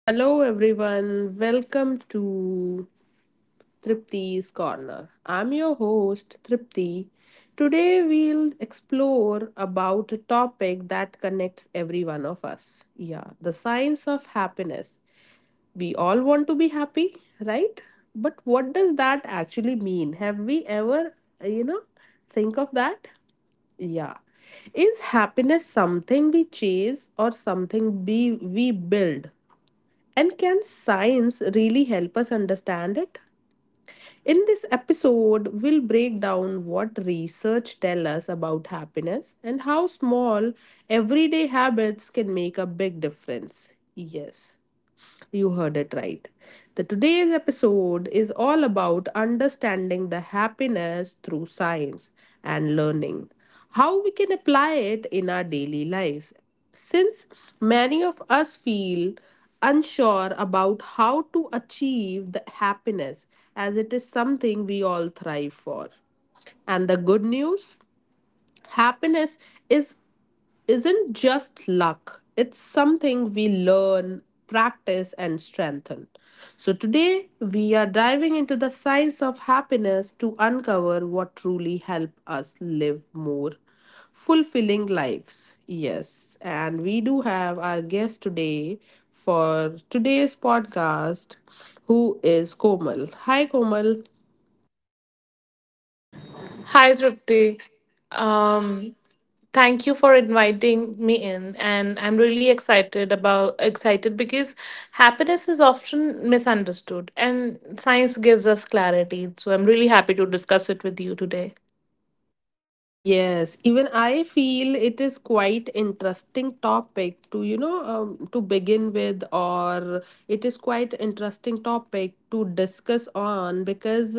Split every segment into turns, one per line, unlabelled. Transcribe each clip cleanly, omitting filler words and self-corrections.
Hello, everyone. Welcome to Tripti's Corner. I'm your host, Tripti. Today, we'll explore about a topic that connects every one of us. Yeah, the science of happiness. We all want to be happy, right? But what does that actually mean? Have we ever, you know, think of that? Yeah. Is happiness something we chase or something we build? And can science really help us understand it? In this episode, we'll break down what research tells us about happiness and how small everyday habits can make a big difference. Yes. You heard it right. The today's episode is all about understanding the happiness through science and learning how we can apply it in our daily lives. Since many of us feel unsure about how to achieve the happiness as it is something we all thrive for. And the good news happiness is isn't just luck, it's something we learn, practice, and strengthen. So, today we are diving into the science of happiness to uncover what truly helps us live more fulfilling lives. Yes, and we do have our guest today for today's podcast, who is Komal. Hi, Komal.
Hi, Trupti. Um, Thank you for inviting me in, and I'm really excited about excited because happiness is often misunderstood, and science gives us clarity. So I'm really happy to discuss it with you today.
Yes, even I feel it is quite interesting topic to to begin with, or it is quite interesting topic to discuss on. Because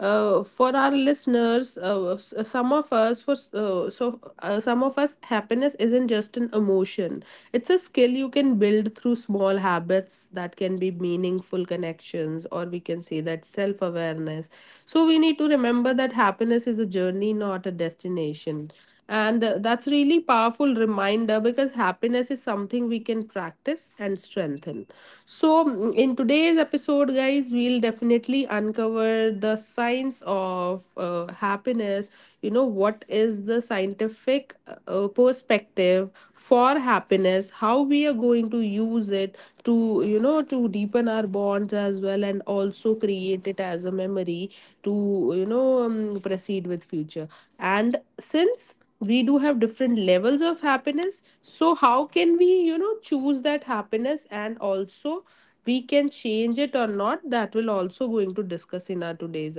for our listeners, some of us, for s- so some of us, happiness isn't just an emotion, it's a skill you can build through small habits that can be meaningful connections, or we can say that self awareness. So, we need to remember that happiness is a journey, not a destination. And that's really powerful reminder because happiness is something we can practice and strengthen. So, in today's episode, guys, we'll definitely uncover the science of happiness. You know, what is the scientific specific perspective for happiness, how we are going to use it to to deepen our bonds as well, and also create it as a memory to proceed with future. And since we do have different levels of happiness, so how can we choose that happiness, and also we can change it or not, that will also going to discuss in our today's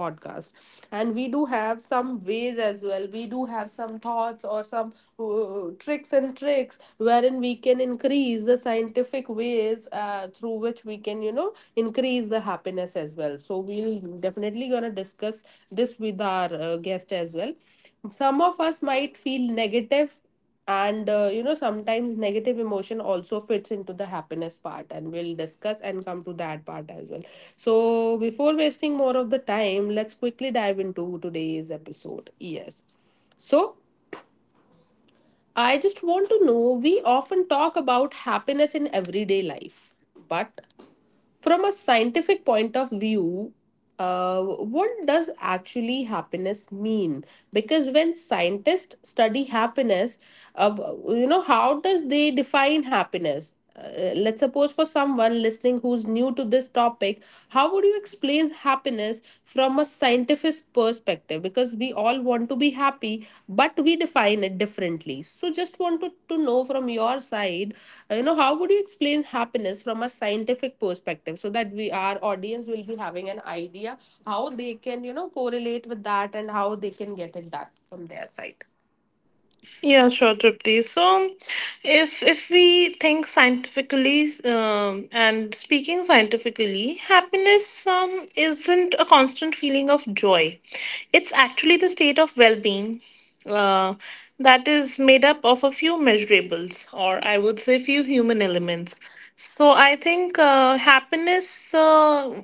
podcast. And we do have some ways as well, we do have some thoughts or some tricks and tricks wherein we can increase the scientific ways through which we can increase the happiness as well. So we'll definitely gonna discuss this with our guest as well. Some of us might feel negative, and sometimes negative emotion also fits into the happiness part, and we'll discuss and come to that part as well. So before wasting more of the time, let's quickly dive into today's episode. Yes, so I just want to know, we often talk about happiness in everyday life, but from a scientific point of view, what does actually happiness mean? Because when scientists study happiness, uh, how does they define happiness? Let's suppose for someone listening who's new to this topic, how would you explain happiness from a scientific perspective? Because we all want to be happy, but we define it differently, so just wanted to know from your side, how would you explain happiness from a scientific perspective, so that we, our audience will be having an idea how they can correlate with that, and how they can get it that from their side.
Yeah,
Yeah.
sure, Tripti. So, if we think scientifically and speaking scientifically, happiness isn't a constant feeling of joy. It's actually the state of well-being uh, that is made up of a few measurables, or I would say, few human elements. So, I think happiness,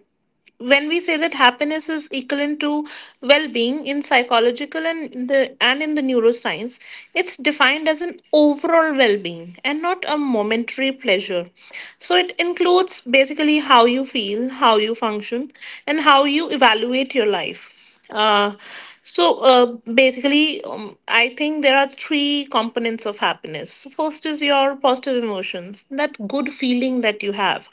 when we say that happiness is equivalent to well-being in psychological and in the neuroscience, it's defined as an overall well-being and not a momentary pleasure. So it includes basically how you feel, how you function, and how you evaluate your life. uh, so uh, Basically, I think there are three components of happiness. So first is your positive emotions, that good feeling that you have,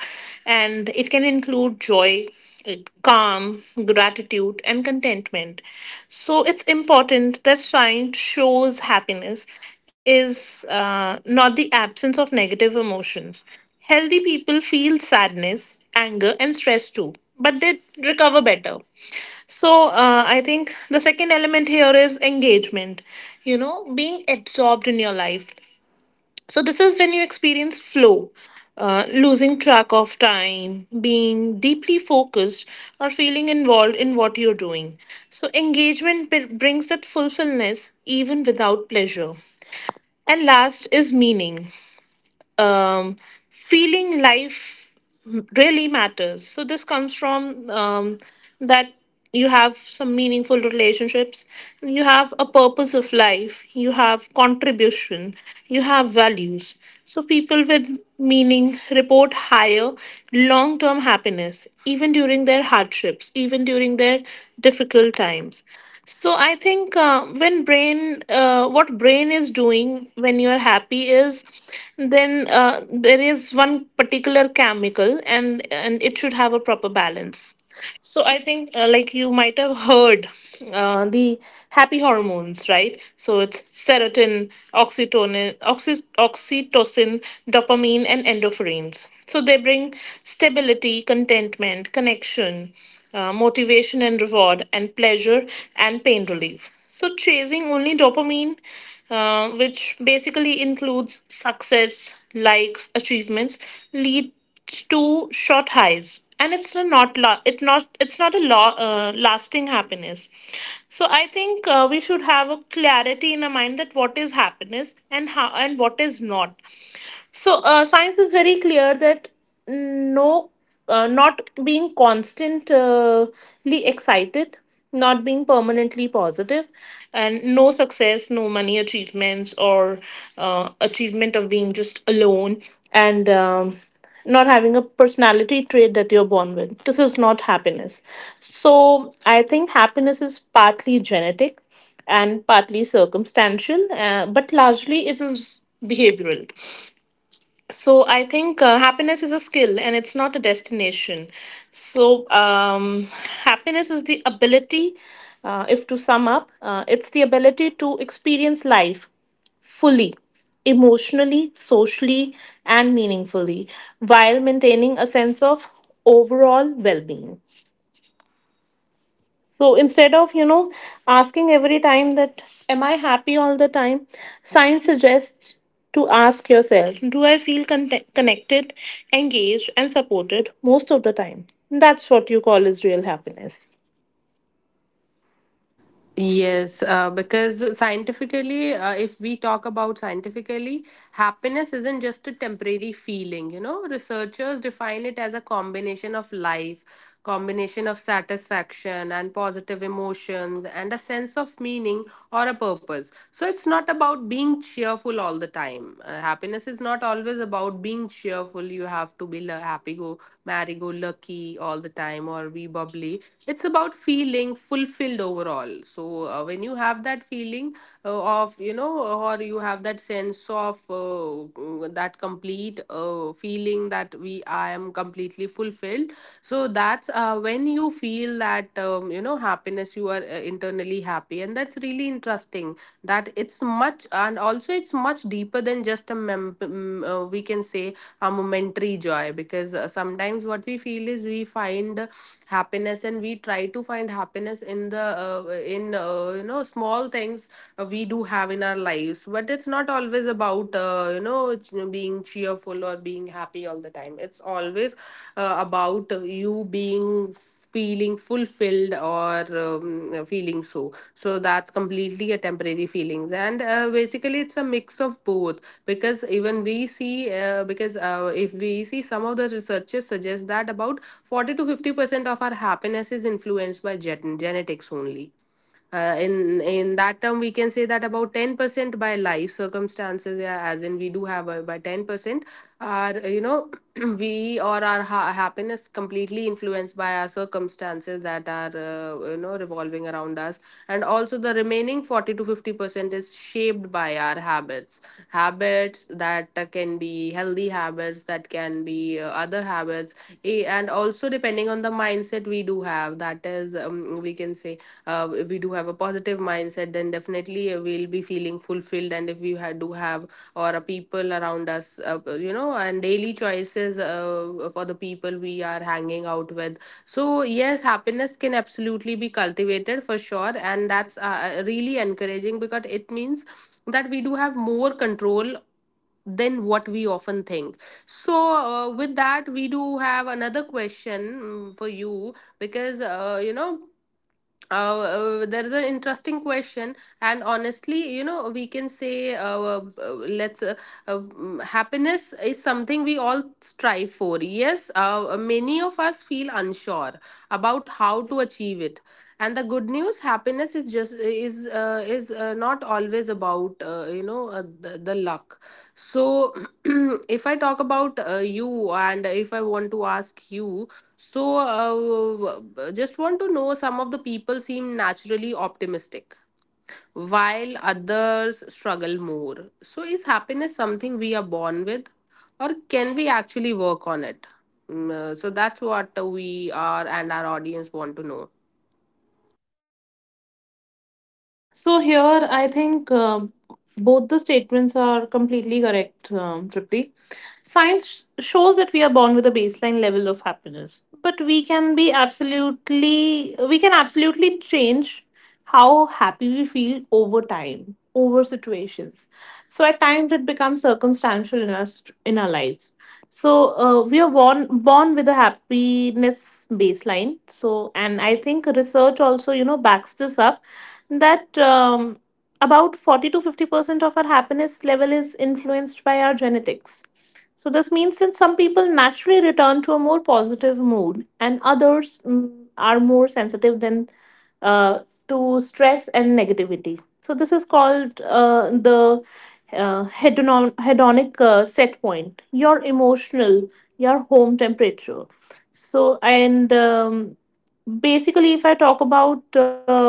and it can include joy, uh, calm, gratitude, and contentment. So it's important that science shows happiness is not the absence of negative emotions. Healthy people feel sadness, anger, and stress too, but they recover better. So, I think the second element here is engagement, you know, being absorbed in your life. So, this is when you experience flow, losing track of time, being deeply focused, or feeling involved in what you're doing. So, engagement brings that fulfillment even without pleasure. And last is meaning, um, feeling life really matters. So this comes from, that you have some meaningful relationships, you have a purpose of life, you have contribution, you have values. So people with meaning report higher long-term happiness, even during their hardships, even during their difficult times. So I think, when brain, what brain is doing when you are happy is, then there is one particular chemical, and it should have a proper balance. So I think, like you might have heard, the happy hormones, right? So it's serotonin, oxytocin, oxytocin, dopamine, and endorphins. So they bring stability, contentment, connection motivation, motivation and reward, and pleasure and pain relief. So, chasing only dopamine, which basically includes success, likes, achievements, leads to short highs, and it's a not la- it not it's not a lo- lasting happiness. So I think, we should have a clarity in our mind that what is happiness and how and what is not. So, science is very clear that no, not being constantly excited, not being permanently positive, and no success, no money achievements, or achievement of being just alone, and, not having a personality trait that you're born with. This is not happiness. So, I think happiness is partly genetic and partly circumstantial, but largely it is behavioral. So I think, happiness is a skill and it's not a destination. So, happiness is the ability, if to sum up, it's the ability to experience life fully, emotionally, socially, and meaningfully, while maintaining a sense of overall well-being. So instead of, you know, asking every time that, am I happy all the time? Science suggests to ask yourself, do I feel connected, engaged, and supported most of the time? That's what you call is real happiness.
Yes, because scientifically, if we talk about scientifically, happiness isn't just a temporary feeling. You know, researchers define it as a combination of life, combination of satisfaction and positive emotions, and a sense of meaning or a purpose. So it's not about being cheerful all the time. Happiness is not always about being cheerful, you have to be happy go merry go lucky all the time, or be bubbly. It's about feeling fulfilled overall. So when you have that feeling of, you know, or you have that sense of that complete feeling that we I am completely fulfilled, so that's when you feel that you know, happiness, you are internally happy. And that's really interesting, that it's much, and also it's much deeper than just a we can say a momentary joy. Because sometimes what we feel is, we find happiness, and we try to find happiness in the in you know small things we do have in our lives, but it's not always about being cheerful or being happy all the time, it's always about you being feeling fulfilled or feeling, so, so that's completely a temporary feelings. And basically it's a mix of both, because even we see because if we see, some of the researchers suggest that about 40 to 50% of our happiness is influenced by genetics only, in that term we can say that about 10% by life circumstances, yeah, as in we do have a, by 10% are we or our happiness completely influenced by our circumstances that are revolving around us. And also the remaining 40 to 50% is shaped by our habits, habits that can be healthy habits, that can be other habits, and also depending on the mindset we do have, that is, we can say if we do have a positive mindset, then definitely we'll be feeling fulfilled, and if do have or a people around us, and daily choices for the people we are hanging out with. So yes, happiness can absolutely be cultivated for sure, and that's really encouraging because it means that we do have more control than what we often think. So with that, we do have another question, for you, because uh, there is an interesting question, and honestly, you know, we can say let's happiness is something we all strive for. Yes, many of us feel unsure about how to achieve it, and the good news, happiness is just is not always about the luck. So if I talk about you, and if I want to ask you, so just want to know, some of the people seem naturally optimistic while others struggle more. So, is happiness something we are born with, or can we actually work on it? So, that's what we are, and our audience want to know.
So here, I think, both the statements are completely correct, Tripti. Science shows that we are born with a baseline level of happiness, but we can be absolutely change how happy we feel over time, over situations. So at times it becomes circumstantial in our lives. So, we are born with a happiness baseline. So, and I think research also, you know, backs this up that, about 40-50% of our happiness level is influenced by our genetics. So, this means that some people naturally return to a more positive mood, and others are more sensitive than, uh, to stress and negativity. So, this is called, the hedonic set point, your emotional, your home temperature. So, and, basically, if I talk about,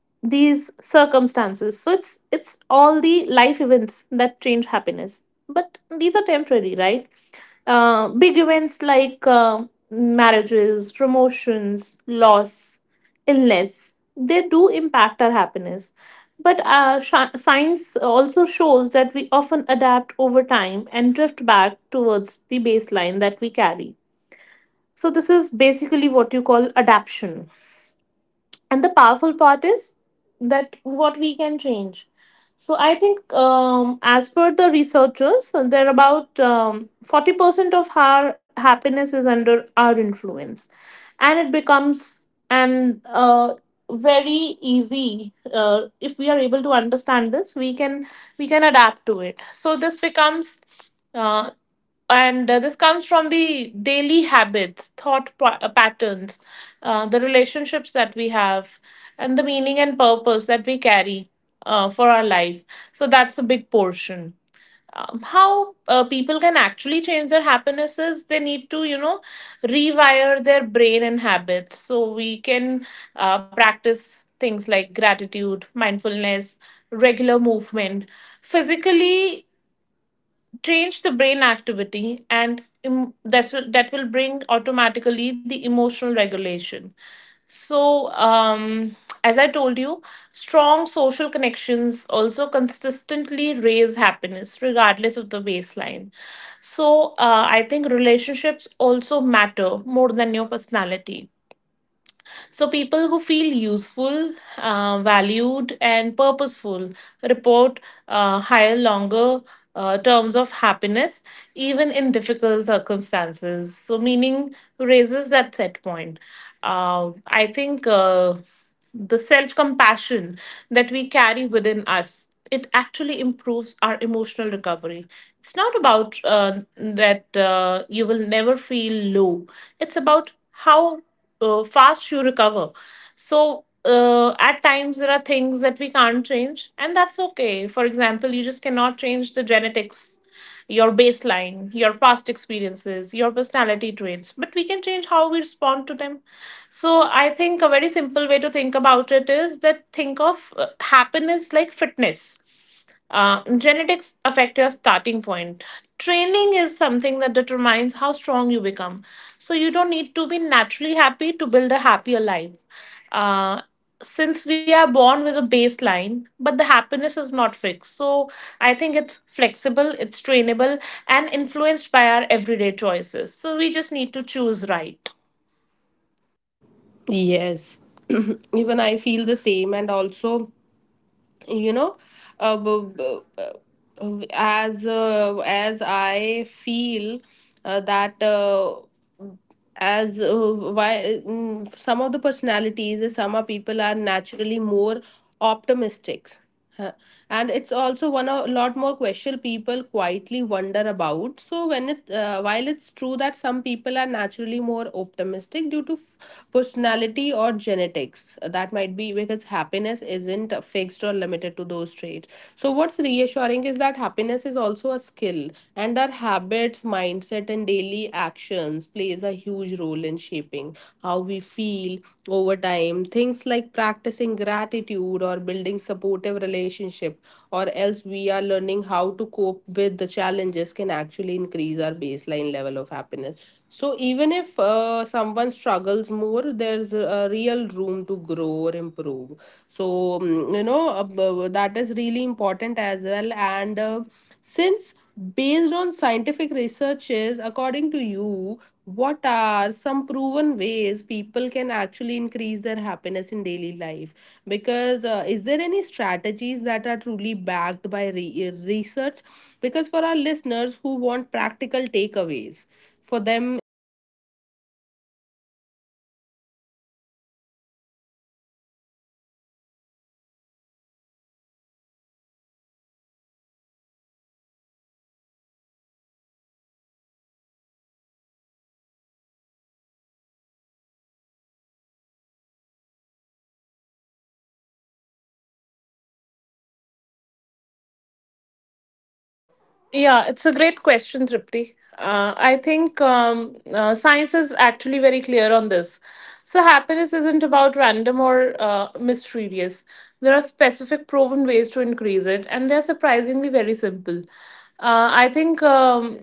these circumstances, so it's all the life events that change happiness, but these are temporary, right? Big events like, marriages, promotions, loss, illness, they do impact our happiness, but, science also shows that we often adapt over time and drift back towards the baseline that we carry. So this is basically what you call adaptation, and the powerful part is that what we can change. So I think, as per the researchers, there are about, 40% of our happiness is under our influence, and it becomes an very easy, uh, if we are able to understand this, we can, adapt to it. So this becomes, uh, and this comes from the daily habits, patterns, the relationships that we have, and the meaning and purpose that we carry, for our life. So that's a big portion. How, people can actually change their happiness is they need to, you know, rewire their brain and habits. So we can, practice things like gratitude, mindfulness, regular movement physically trains the brain activity, and that's will, that will bring automatically the emotional regulation. So, um, as I told you, strong social connections also consistently raise happiness regardless of the baseline. So, I think relationships also matter more than your personality. So, people who feel useful, valued, and purposeful report, higher, longer, terms of happiness, even in difficult circumstances. So, meaning raises that set point. I think, the self compassion that we carry within us, it actually improves our emotional recovery. It's not about, that, you will never feel low. It's about how, fast you recover. So, at times there are things that we can't change, and that's okay. For example, you just cannot change the genetics, your baseline, your past experiences, your personality traits, but we can change how we respond to them. So I think a very simple way to think about it is that think of, happiness like fitness, genetics affect your starting point. Training is something that determines how strong you become. So you don't need to be naturally happy to build a happier life. Uh, since we are born with a baseline, but the happiness is not fixed. So I think it's flexible, it's trainable, and influenced by our everyday choices. So we just need to choose right.
Yes, even I feel the same, and also, you know, as I feel that as why, some of the personalities, some of people are naturally more optimistic, huh. And it's also one of a lot more question people quietly wonder about. So when it while it's true that some people are naturally more optimistic due to personality or genetics, that might be because happiness isn't fixed or limited to those traits. So what's reassuring is that happiness is also a skill, and our habits, mindset, and daily actions plays a huge role in shaping how we feel over time. Things like practicing gratitude, or building supportive relationship, or else we are learning how to cope with the challenges, can actually increase our baseline level of happiness. So even if someone struggles more, there's a real room to grow or improve. So you know, that is really important as well. And since based on scientific researches, according to you, what are some proven ways people can actually increase their happiness in daily life? Because is there any strategies that are truly backed by research? Because for our listeners who want practical takeaways for them, is there any scientific proven habits that can help boost happiness? Because when researchers studies happiness, is there any behavior, or we can say a constantly shown increase in well-being, you can say. So is there anything they can do? Is there anything they can do from their side? So just want to know.
Yeah,
Yeah,
it's a
it's a
great
great
question, Tripti. I think, science is actually very clear on this. So, happiness isn't about random or, mysterious. There are specific proven ways to increase it, and they're surprisingly very simple. I think